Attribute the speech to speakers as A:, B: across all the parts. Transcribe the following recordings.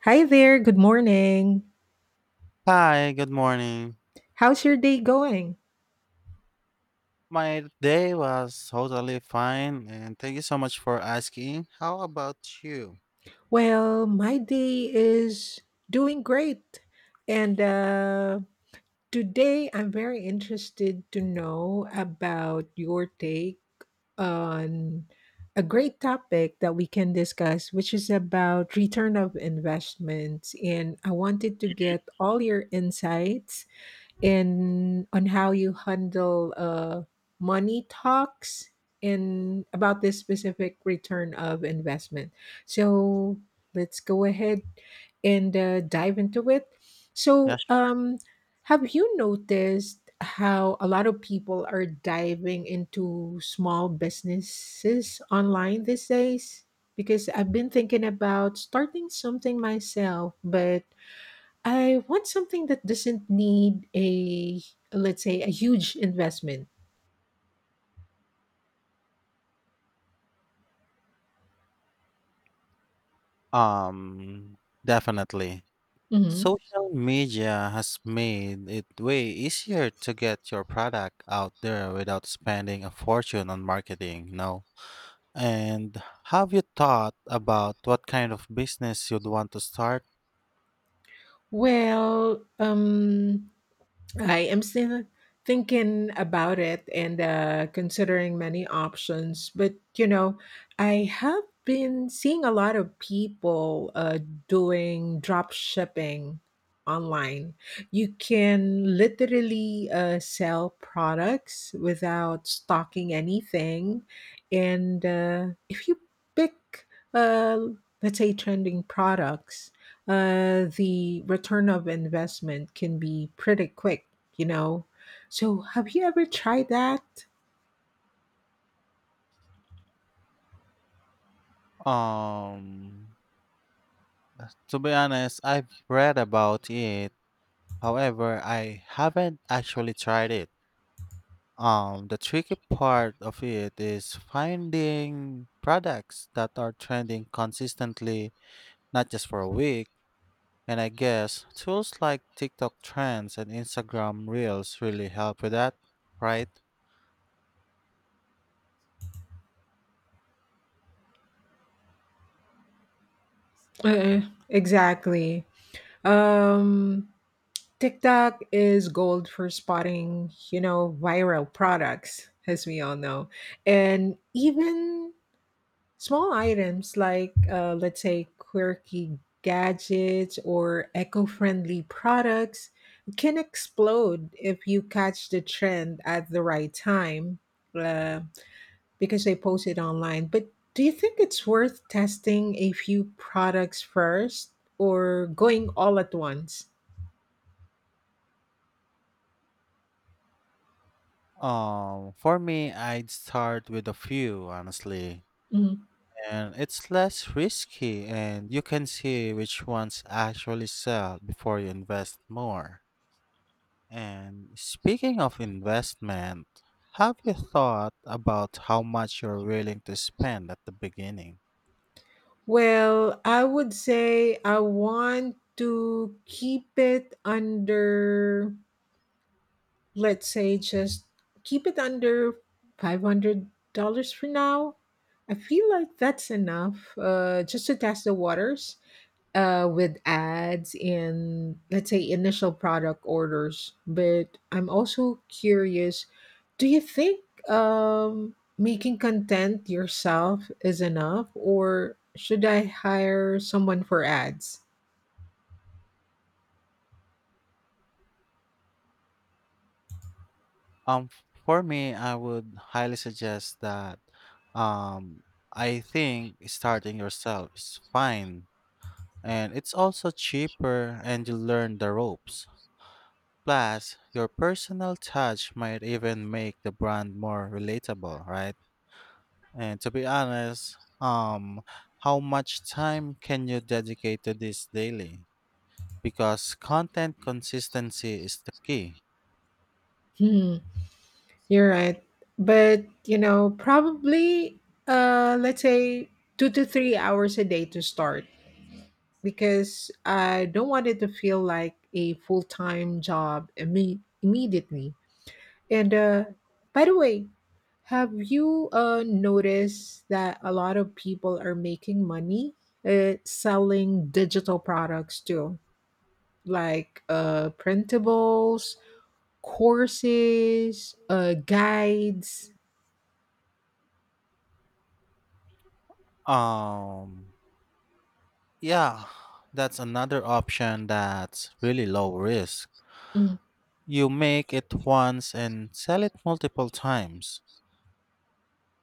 A: Hi there, good morning.
B: Hi, good morning.
A: How's your day going?
B: My day was totally fine, and thank you so much for asking. How about you?
A: Well, my day is doing great. And Today I'm very interested to know about your take on a great topic that we can discuss, which is about return of investments. And I wanted to get all your insights in on how you handle money talks in about this specific return of investment. So let's go ahead and dive into it. So,
B: Yes.
A: um, have you noticed how a lot of people are diving into small businesses online these days? Because I've been thinking about starting something myself, but I want something that doesn't need a, let's say, a huge investment.
B: Um, Definitely.
A: Hmm.
B: Social media has made it way easier to get your product out there without spending a fortune on marketing, you know? And have you thought about what kind of business you'd want to start?
A: Well, I am still thinking about it and considering many options. But, you know, I have been seeing a lot of people doing drop shipping online. You can literally sell products without stocking anything. And if you pick, uh, let's say, trending products, the return of investment can be pretty quick, you know? So, have you ever tried that?
B: Um, to be honest, I've read about it. However, I haven't actually tried it. The tricky part of it is finding products that are trending consistently, not just for a week. And I guess tools like TikTok trends and Instagram Reels really help with that, right?
A: Uh, Exactly. Um, TikTok is gold for spotting, you know, viral products, as we all know. And even small items like, let's say, quirky gadgets or eco friendly products can explode if you catch the trend at the right time. Um, because they posted online. But do you think it's worth testing a few products first or going all at once?
B: For me, I'd start with a few, honestly.
A: Mhm.
B: And it's less risky, and you can see which ones actually sell before you invest more. And speaking of investment, have you thought about how much you're willing to spend at the beginning?
A: Well, I would say I want to keep it under, let's say, just keep it under $500 for now. I feel like that's enough just to test the waters. Uh, with ads in, let's say, initial product orders. But I'm also curious, do you think making content yourself is enough, or should I hire someone for ads?
B: Um, for me, I would highly suggest that um, I think starting yourself is fine. And it's also cheaper and you learn the ropes. Plus, your personal touch might even make the brand more relatable, right? And to be honest, how much time can you dedicate to this daily? Because content consistency is the key.
A: Hmm, you're right. But, you know, probably, let's say, 2 to 3 hours a day to start, because I don't want it to feel like a full time job immediately. And by the way, have you noticed that a lot of people are making money selling digital products too, like printables, courses, guides?
B: Um, yeah, that's another option that's really low risk.
A: Mm.
B: You make it once and sell it multiple times.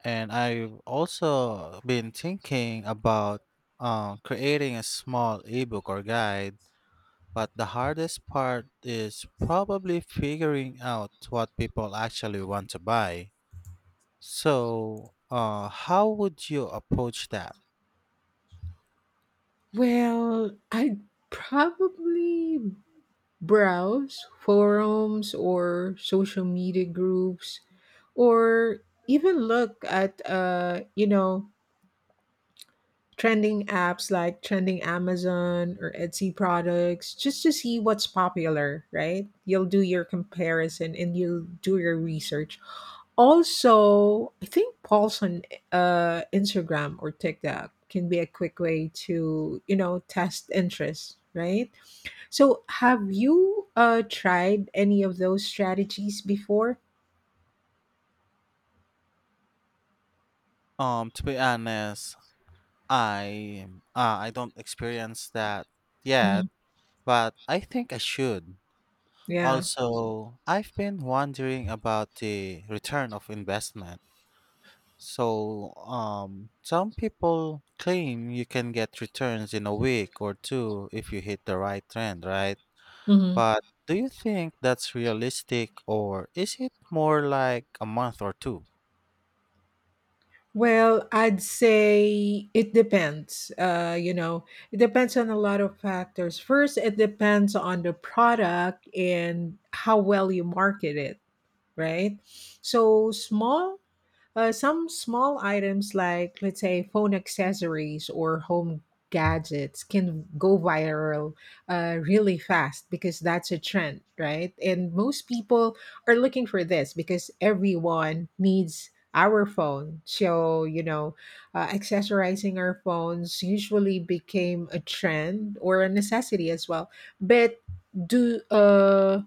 B: And I've also been thinking about creating a small ebook or guide. But the hardest part is probably figuring out what people actually want to buy. So, how would you approach that?
A: Well, I probably browse forums or social media groups, or even look at, you know, trending apps like trending Amazon or Etsy products, just to see what's popular, right? You'll do your comparison and you'll do your research. Also, I think polls on Instagram or TikTok can be a quick way to, you know, test interest, right? So, have you tried any of those strategies before?
B: To be honest, I I don't experience that
A: Hmm.
B: yet, but I think I should.
A: Yeah.
B: Also, I've been wondering about the return of investment. So, some people claim you can get returns in a week or two if you hit the right trend, right?
A: Mhm.
B: But do you think that's realistic or is it more like a month or two?
A: Well, I'd say it depends. You know, it depends on a lot of factors. First, it depends on the product and how well you market it, right? So, small some small items, like, let's say, phone accessories or home gadgets, can go viral really fast because that's a trend, right? And most people are looking for this because everyone needs our phone. So, you know, accessorizing our phones usually became a trend or a necessity as well. But do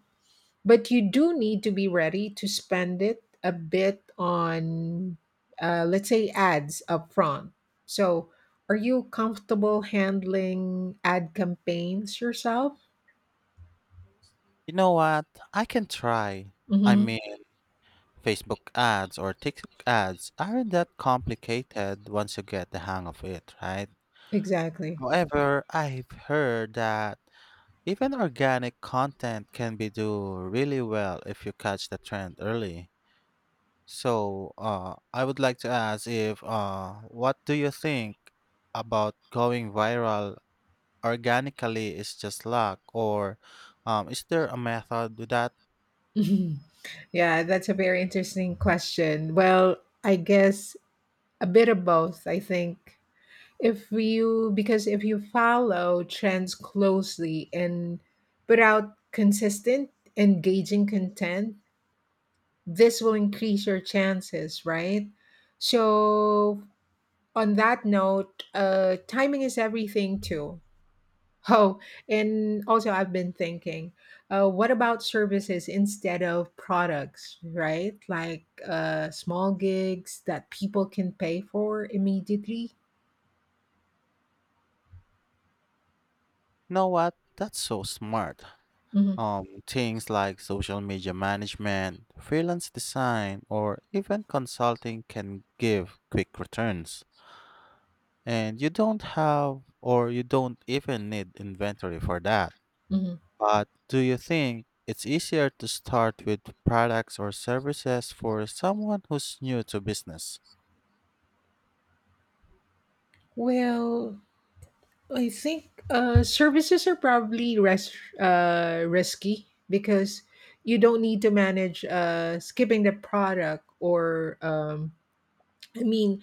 A: but you do need to be ready to spend it a bit on, let's say, ads up front. So, are you comfortable handling ad campaigns yourself?
B: You know what? I can try. I
A: Hmm.
B: mean, Facebook ads or TikTok ads aren't that complicated once you get the hang of it, right?
A: Exactly.
B: However, I've heard that even organic content can be do really well if you catch the trend early. So, I would like to ask if, what do you think about going viral organically is just luck, or is there a method to that?
A: Mhm. Yeah, that's a very interesting question. Well, I guess a bit of both, I think. If you because if you follow trends closely and put out consistent, engaging content, this will increase your chances, right? So, on that note, timing is everything too. Oh, and also I've been thinking, what about services instead of products, right? Like small gigs that people can pay for immediately.
B: You know what? That's so smart.
A: Hmm.
B: Things like social media management, freelance design, or even consulting can give quick returns, and you don't even need inventory for that.
A: Hmm.
B: But do you think it's easier to start with products or services for someone who's new to business?
A: Well, I think services are probably risky because you don't need to manage skipping the product, or I mean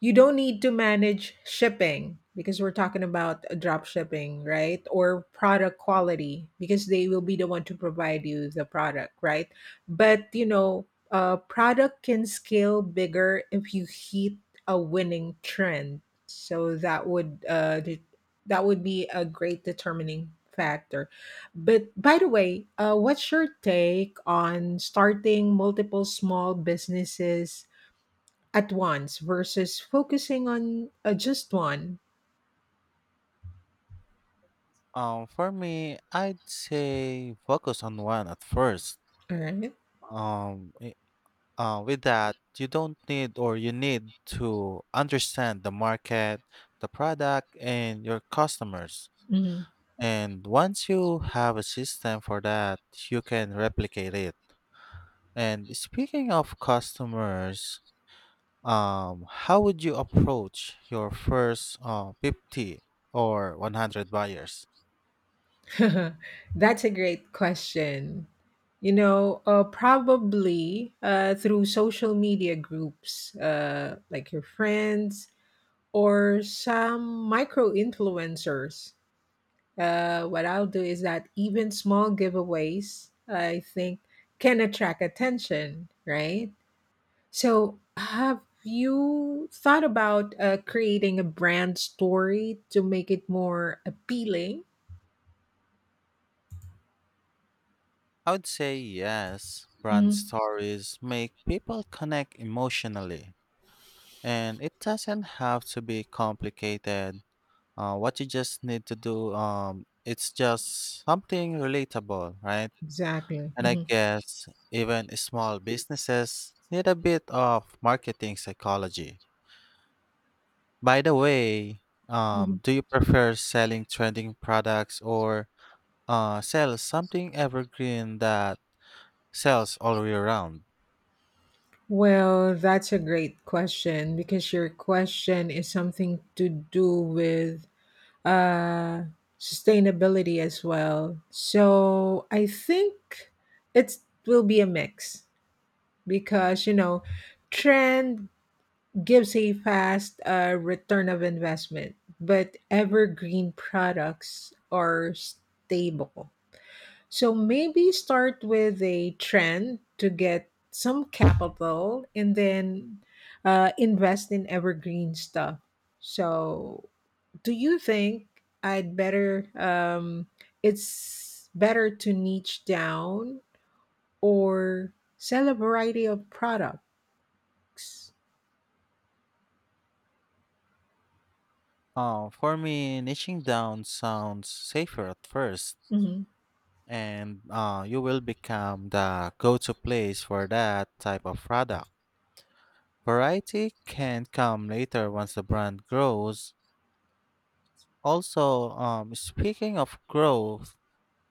A: you don't need to manage shipping because we're talking about drop shipping, right? Or product quality, because they will be the one to provide you the product, right? But, you know, product can scale bigger if you hit a winning trend. So that would that would be a great determining factor. But by the way, what's your take on starting multiple small businesses at once versus focusing on just one?
B: For me, I'd say focus on one at first.
A: All right?
B: Um, i- with that, you don't need or you need to understand the market, the product, and your customers.
A: Mhm.
B: And once you have a system for that, you can replicate it. And speaking of customers, how would you approach your first 50 or 100 buyers?
A: That's a great question. You know, probably through social media groups, like your friends, or some micro influencers. What I'll do is that even small giveaways, I think, can attract attention, right? So, have you thought about creating a brand story to make it more appealing?
B: I would say yes. Brand
A: Hmm.
B: stories make people connect emotionally, and it doesn't have to be complicated. What you just need to do, it's just something relatable, right?
A: Exactly.
B: And I
A: Mhm.
B: guess even small businesses need a bit of marketing psychology. By the way,
A: Hmm.
B: do you prefer selling trending products, or sell something evergreen that sells all year round?
A: Well, that's a great question, because your question is something to do with uh, sustainability as well. So, I think it will be a mix because, you know, trend gives a fast return of investment, but evergreen products are stable. So maybe start with a trend to get some capital and then invest in evergreen stuff. So, do you think I'd better, it's better to niche down or sell a variety of products?
B: For me, niching down sounds safer at first,
A: Mhm.
B: and you will become the go to place for that type of product. Variety can come later once the brand grows. Also, speaking of growth,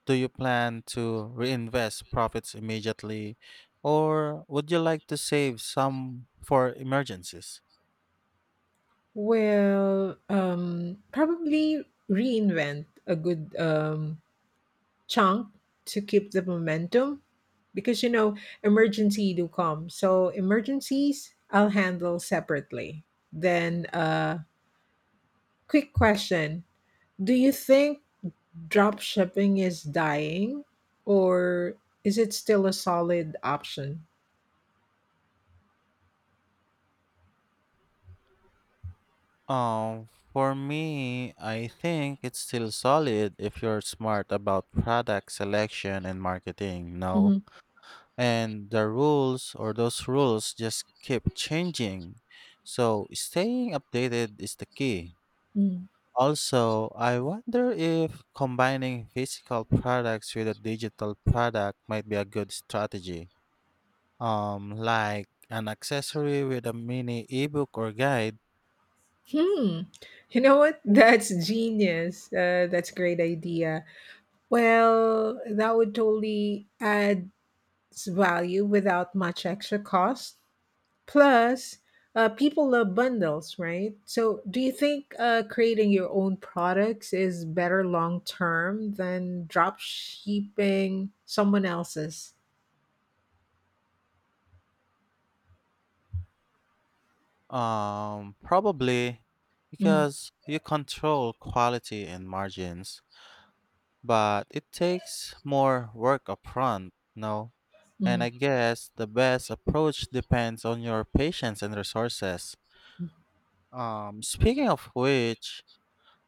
B: do you plan to reinvest profits immediately, or would you like to save some for emergencies?
A: Well, probably reinvent a good chunk to keep the momentum, because you know emergency do come. So emergencies I'll handle separately. Then, quick question: Do you think drop shipping is dying, or is it still a solid option?
B: Um, for me, I think it's still solid if you're smart about product selection and marketing, no?
A: Mhm.
B: And the rules or those rules just keep changing. So staying updated is the key.
A: Mm.
B: Also, I wonder if combining physical products with a digital product might be a good strategy. Like an accessory with a mini ebook or guide.
A: Hmm. You know what? That's genius. That's a great idea. Well, that would totally add value without much extra cost. Plus, people love bundles, right? So, do you think creating your own products is better long term than drop shipping someone else's?
B: Probably,
A: Mm.
B: because you control quality and margins, but it takes more work upfront, no? And
A: Mm.
B: I guess the best approach depends on your patience and resources. Speaking of which,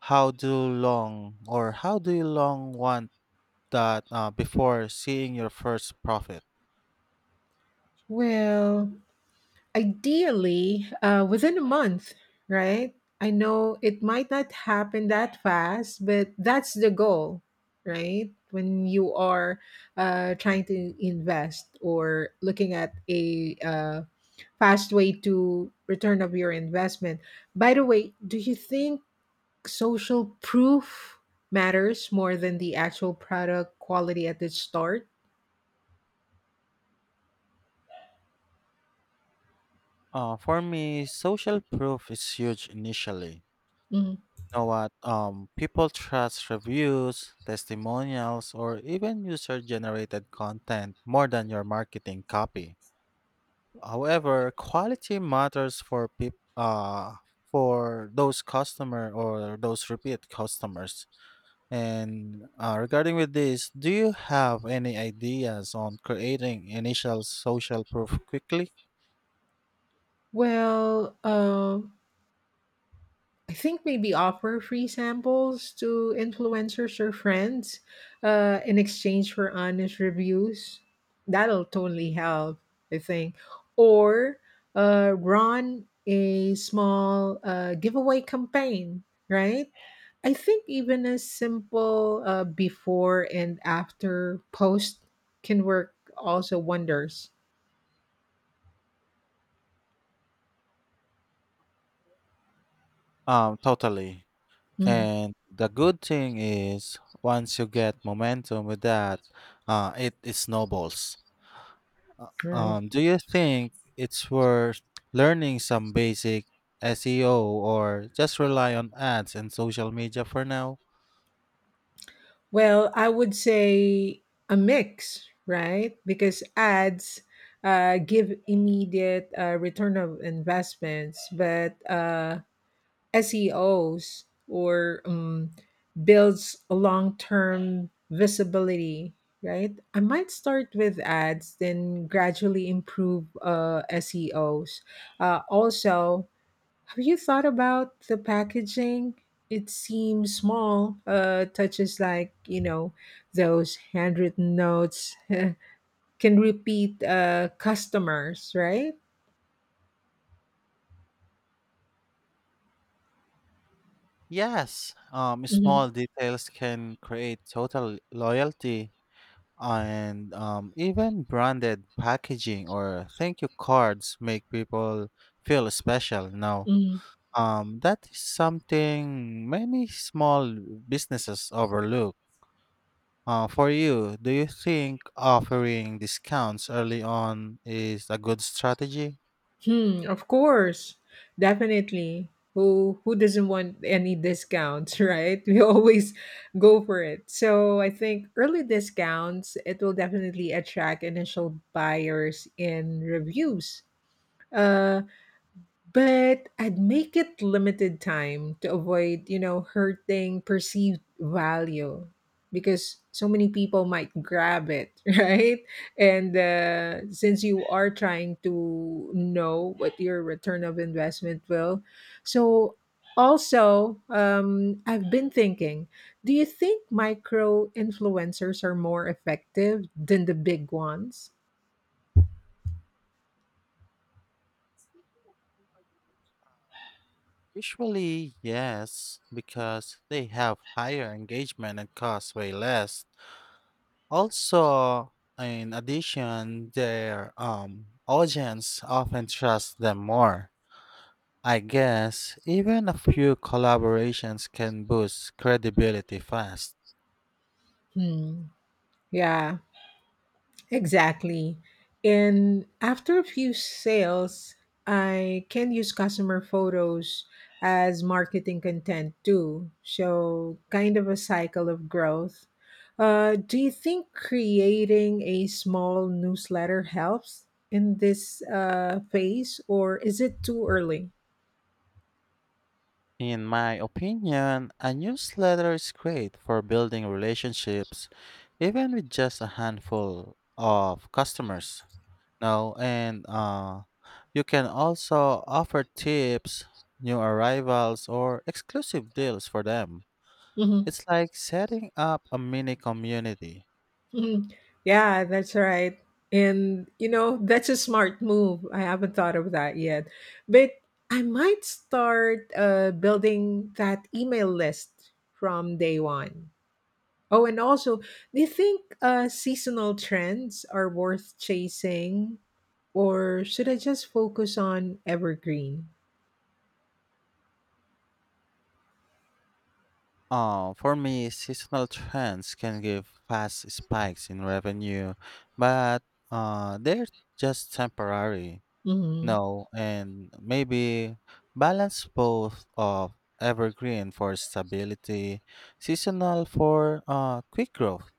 B: how do long or how do you long want that before seeing your first profit?
A: Well, ideally, within a month, right? I know it might not happen that fast, but that's the goal, right? When you are trying to invest or looking at a fast way to return of your investment. By the way, do you think social proof matters more than the actual product quality at the start?
B: For me, social proof is huge initially.
A: Mhm.
B: Know what? People trust reviews, testimonials, or even user generated content more than your marketing copy. However, quality matters for those repeat customers. And regarding with this, do you have any ideas on creating initial social proof quickly?
A: Well, I think maybe offer free samples to influencers or friends in exchange for honest reviews. That'll totally help, I think. Or run a small giveaway campaign, right? I think even a simple before and after post can work also wonders.
B: Totally.
A: Mhm.
B: And the good thing is, once you get momentum with that, it snowballs.
A: Right.
B: Do you think it's worth learning some basic SEO or just rely on ads and social media for now?
A: Well, I would say a mix, right? Because ads give immediate return of investments, but SEOs or builds a long term visibility, right? I might start with ads, then gradually improve SEOs. Also, have you thought about the packaging? It seems small, touches like, you know, those handwritten notes can repeat customers, right?
B: Yes, small details can create total loyalty, and even branded packaging or thank you cards make people feel special now.
A: Hmm.
B: That is something many small businesses overlook. For you, do you think offering discounts early on is a good strategy?
A: Hmm, of course. Definitely. Who doesn't want any discounts, right? We always go for it. So I think early discounts, it will definitely attract initial buyers in reviews. Uh, but I'd make it limited time to avoid, you know, hurting perceived value, because so many people might grab it, right? And since you are trying to know what your return of investment will, so also I've been thinking, do you think micro influencers are more effective than the big ones?
B: Usually, yes, because they have higher engagement and cost way less. Also, in addition, their audience often trusts them more. I guess even a few collaborations can boost credibility fast.
A: Hmm. Yeah. Exactly. And after a few sales, I can use customer photos as marketing content too. So, kind of a cycle of growth. Do you think creating a small newsletter helps in this phase, or is it too early?
B: In my opinion, a newsletter is great for building relationships, even with just a handful of customers. No, and you can also offer tips, new arrivals, or exclusive deals for them.
A: Mm-hmm.
B: It's like setting up a mini community.
A: Mhm. Yeah, that's right. And you know, that's a smart move. I haven't thought of that yet. But I might start building that email list from day 1. Oh, and also, do you think seasonal trends are worth chasing, or should I just focus on evergreen?
B: For me, seasonal trends can give fast spikes in revenue, but they're just temporary.
A: Hmm.
B: No, and maybe balance both of evergreen for stability, seasonal for quick growth.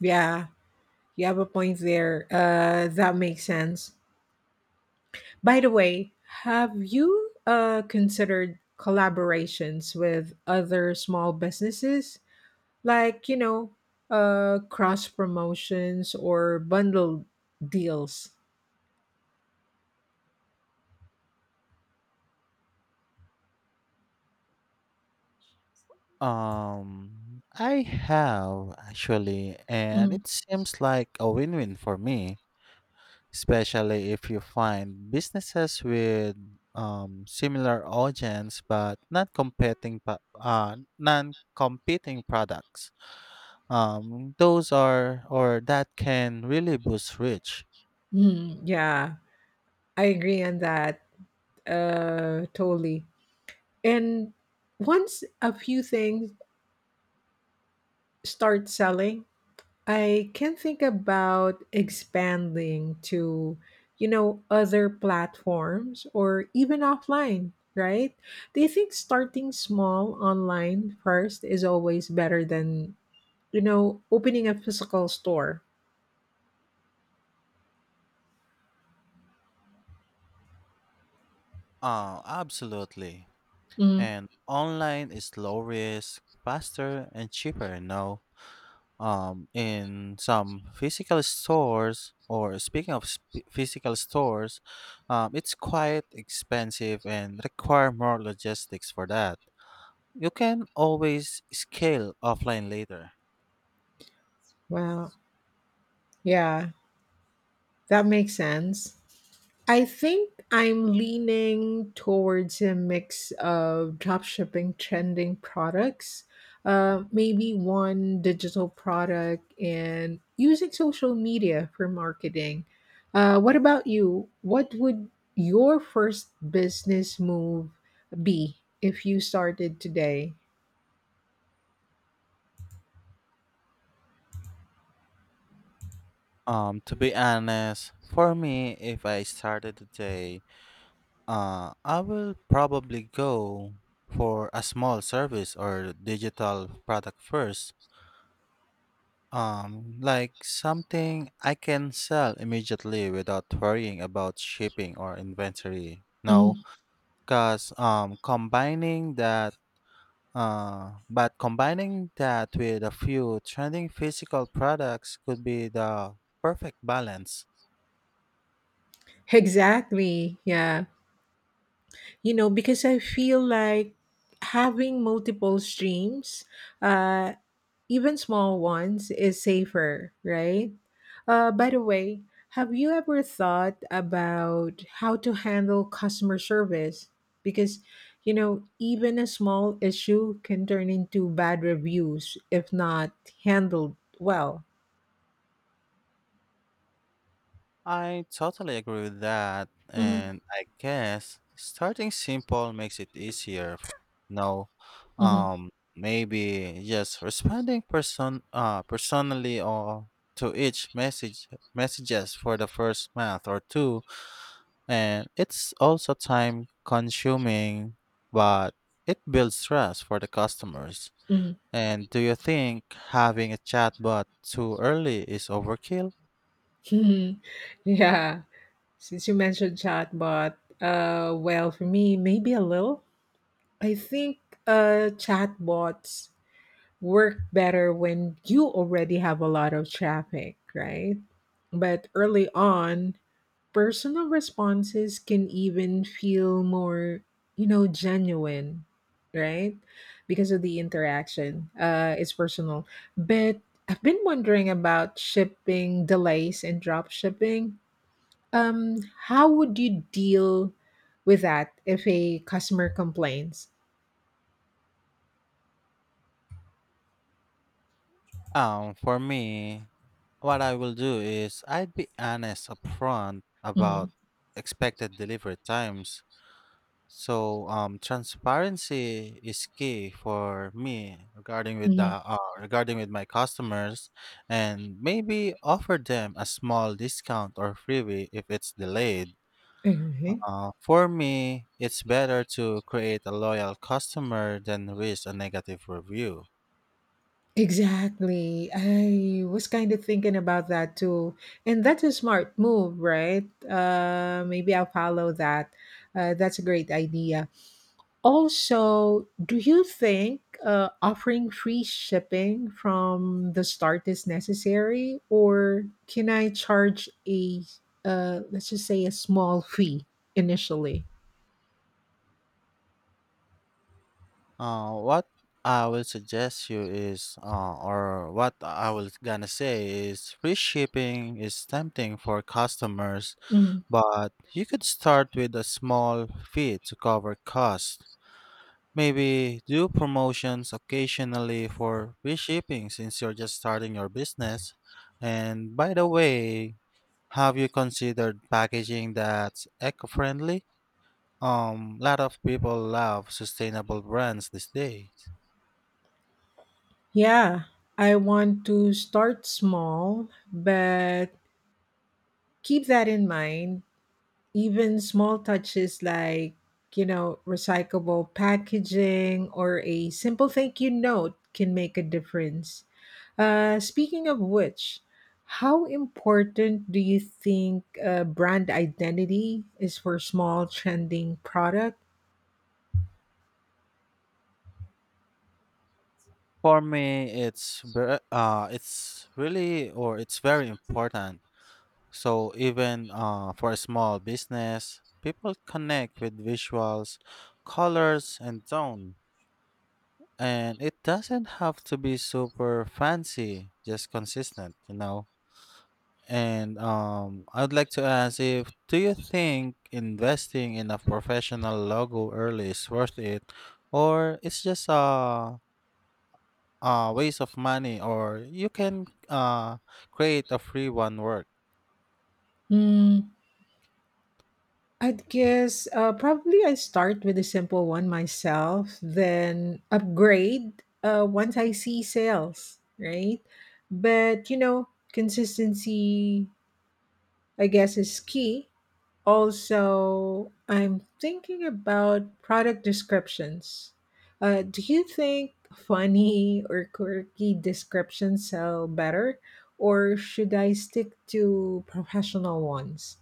A: Yeah, you have a point there. That makes sense. By the way, have you considered collaborations with other small businesses? Like, you know, cross promotions or bundle deals?
B: I have actually, and
A: Mm.
B: it seems like a win-win for me, especially if you find businesses with similar audience but not competing pa- non-competing products. Those are or That can really boost reach.
A: Mm, yeah, I agree on that. Totally. And once a few things start selling, I can think about expanding to, you know, other platforms or even offline, right? Do you think starting small online first is always better than, you know, opening a physical store?
B: Absolutely.
A: Mm.
B: And online is low risk, faster and cheaper, no? In some physical stores, or speaking of sp- Physical stores, it's quite expensive and require more logistics for that. You can always scale offline later.
A: Wow. Yeah, that makes sense. I think I'm leaning towards a mix of dropshipping trending products, maybe one digital product, and using social media for marketing. What about you? What would your first business move be if you started today?
B: To be honest, for me, if I started today, I will probably go for a small service or digital product first. Like something I can sell immediately without worrying about shipping or inventory. No,
A: Mhm.
B: cause combining that but combining that with a few trending physical products could be the perfect balance.
A: Exactly. Yeah. You know, because I feel like having multiple streams. Uh, Even small ones is safer, right? By the way, have you ever thought about how to handle customer service? Because, you know, even a small issue can turn into bad reviews if not handled well.
B: I totally agree with that,
A: Mm-hmm.
B: and I guess starting simple makes it easier. No,
A: Mm-hmm.
B: um, maybe just responding personally or to each messages for the first month or two, and it's also time consuming, but it builds trust for the customers. And do you think having a chatbot too early is overkill?
A: Mm-hmm. Yeah. Since you mentioned chatbot, well, for me, maybe a little. I think chatbots work better when you already have a lot of traffic, right? But early on, personal responses can even feel more, you know, genuine, right? Because of the interaction. It's personal. But I've been wondering about shipping delays and drop shipping. Um, how would you deal with that if a customer complains?
B: For me, what I will do is I'd be honest upfront
A: Mm-hmm.
B: about expected delivery times. So, transparency is key for me regarding with my customers, and maybe offer them a small discount or freebie if it's delayed. For me, it's better to create a loyal customer than risk a negative review.
A: Exactly. I was kind of thinking about that too. And that's a smart move, right? Maybe I'll follow that. That's a great idea. Also, do you think offering free shipping from the start is necessary, or can I charge a, let's just say, a small fee initially?
B: What I will suggest you is, or What I was gonna say is, free shipping is tempting for customers,
A: Mhm.
B: but you could start with a small fee to cover costs. Maybe do promotions occasionally for free shipping since you're just starting your business. And by the way, have you considered packaging that's eco-friendly? Lot of people love sustainable brands these days.
A: Yeah, I want to start small, but keep that in mind. Even small touches, like, you know, recyclable packaging or a simple thank you note, can make a difference. Speaking of which, how important do you think brand identity is for small trending product?
B: For me, it's ver- it's really or it's very important. So even for a small business, people connect with visuals, colors, and tone. And it doesn't have to be super fancy, just consistent, you know. And I'd like to ask if do you think investing in a professional logo early is worth it, or it's just a waste of money, or you can create a free one work.
A: Hmm, I'd guess, probably I start with a simple one myself, then upgrade once I see sales, right? But you know, consistency, I guess, is key. Also, I'm thinking about product descriptions. Do you think funny or quirky descriptions sell better, or should I stick to professional ones?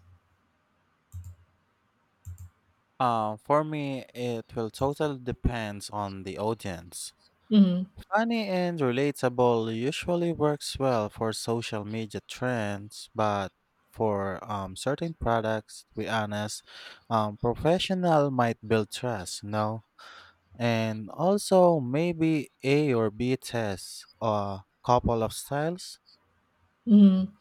B: For me, it will totally depends on the audience.
A: Mm-hmm.
B: Funny and relatable usually works well for social media trends, but for certain products, to be honest, professional might build trust, no? And also maybe A or B tests, a couple of styles.
A: Mm-hmm.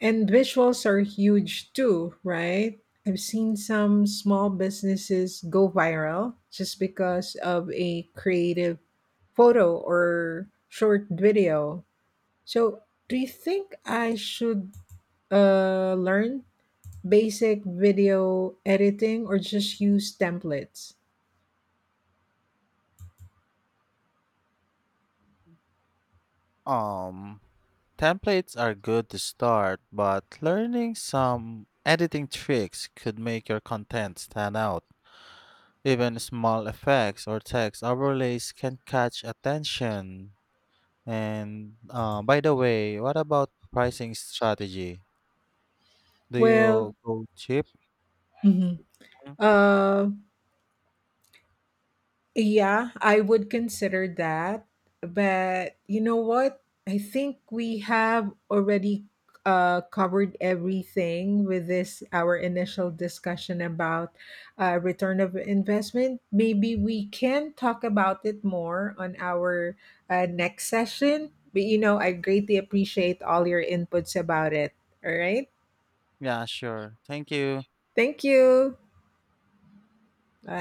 A: And visuals are huge too, right? I've seen some small businesses go viral just because of a creative photo or short video. So, do you think I should learn basic video editing or just use templates?
B: Um, Templates are good to start, but learning some editing tricks could make your content stand out. Even small effects or text overlays can catch attention. And by the way, what about pricing strategy? Do you
A: Well,
B: go cheap?
A: mhm.
B: Mhm.
A: uh, Yeah, I would consider that. But you know what? I think we have already covered everything with this, our initial discussion about return of investment. Maybe we can talk about it more on our next session. But you know, I greatly appreciate all your inputs about it. All right.
B: Yeah, sure. Thank you.
A: Thank you. Bye.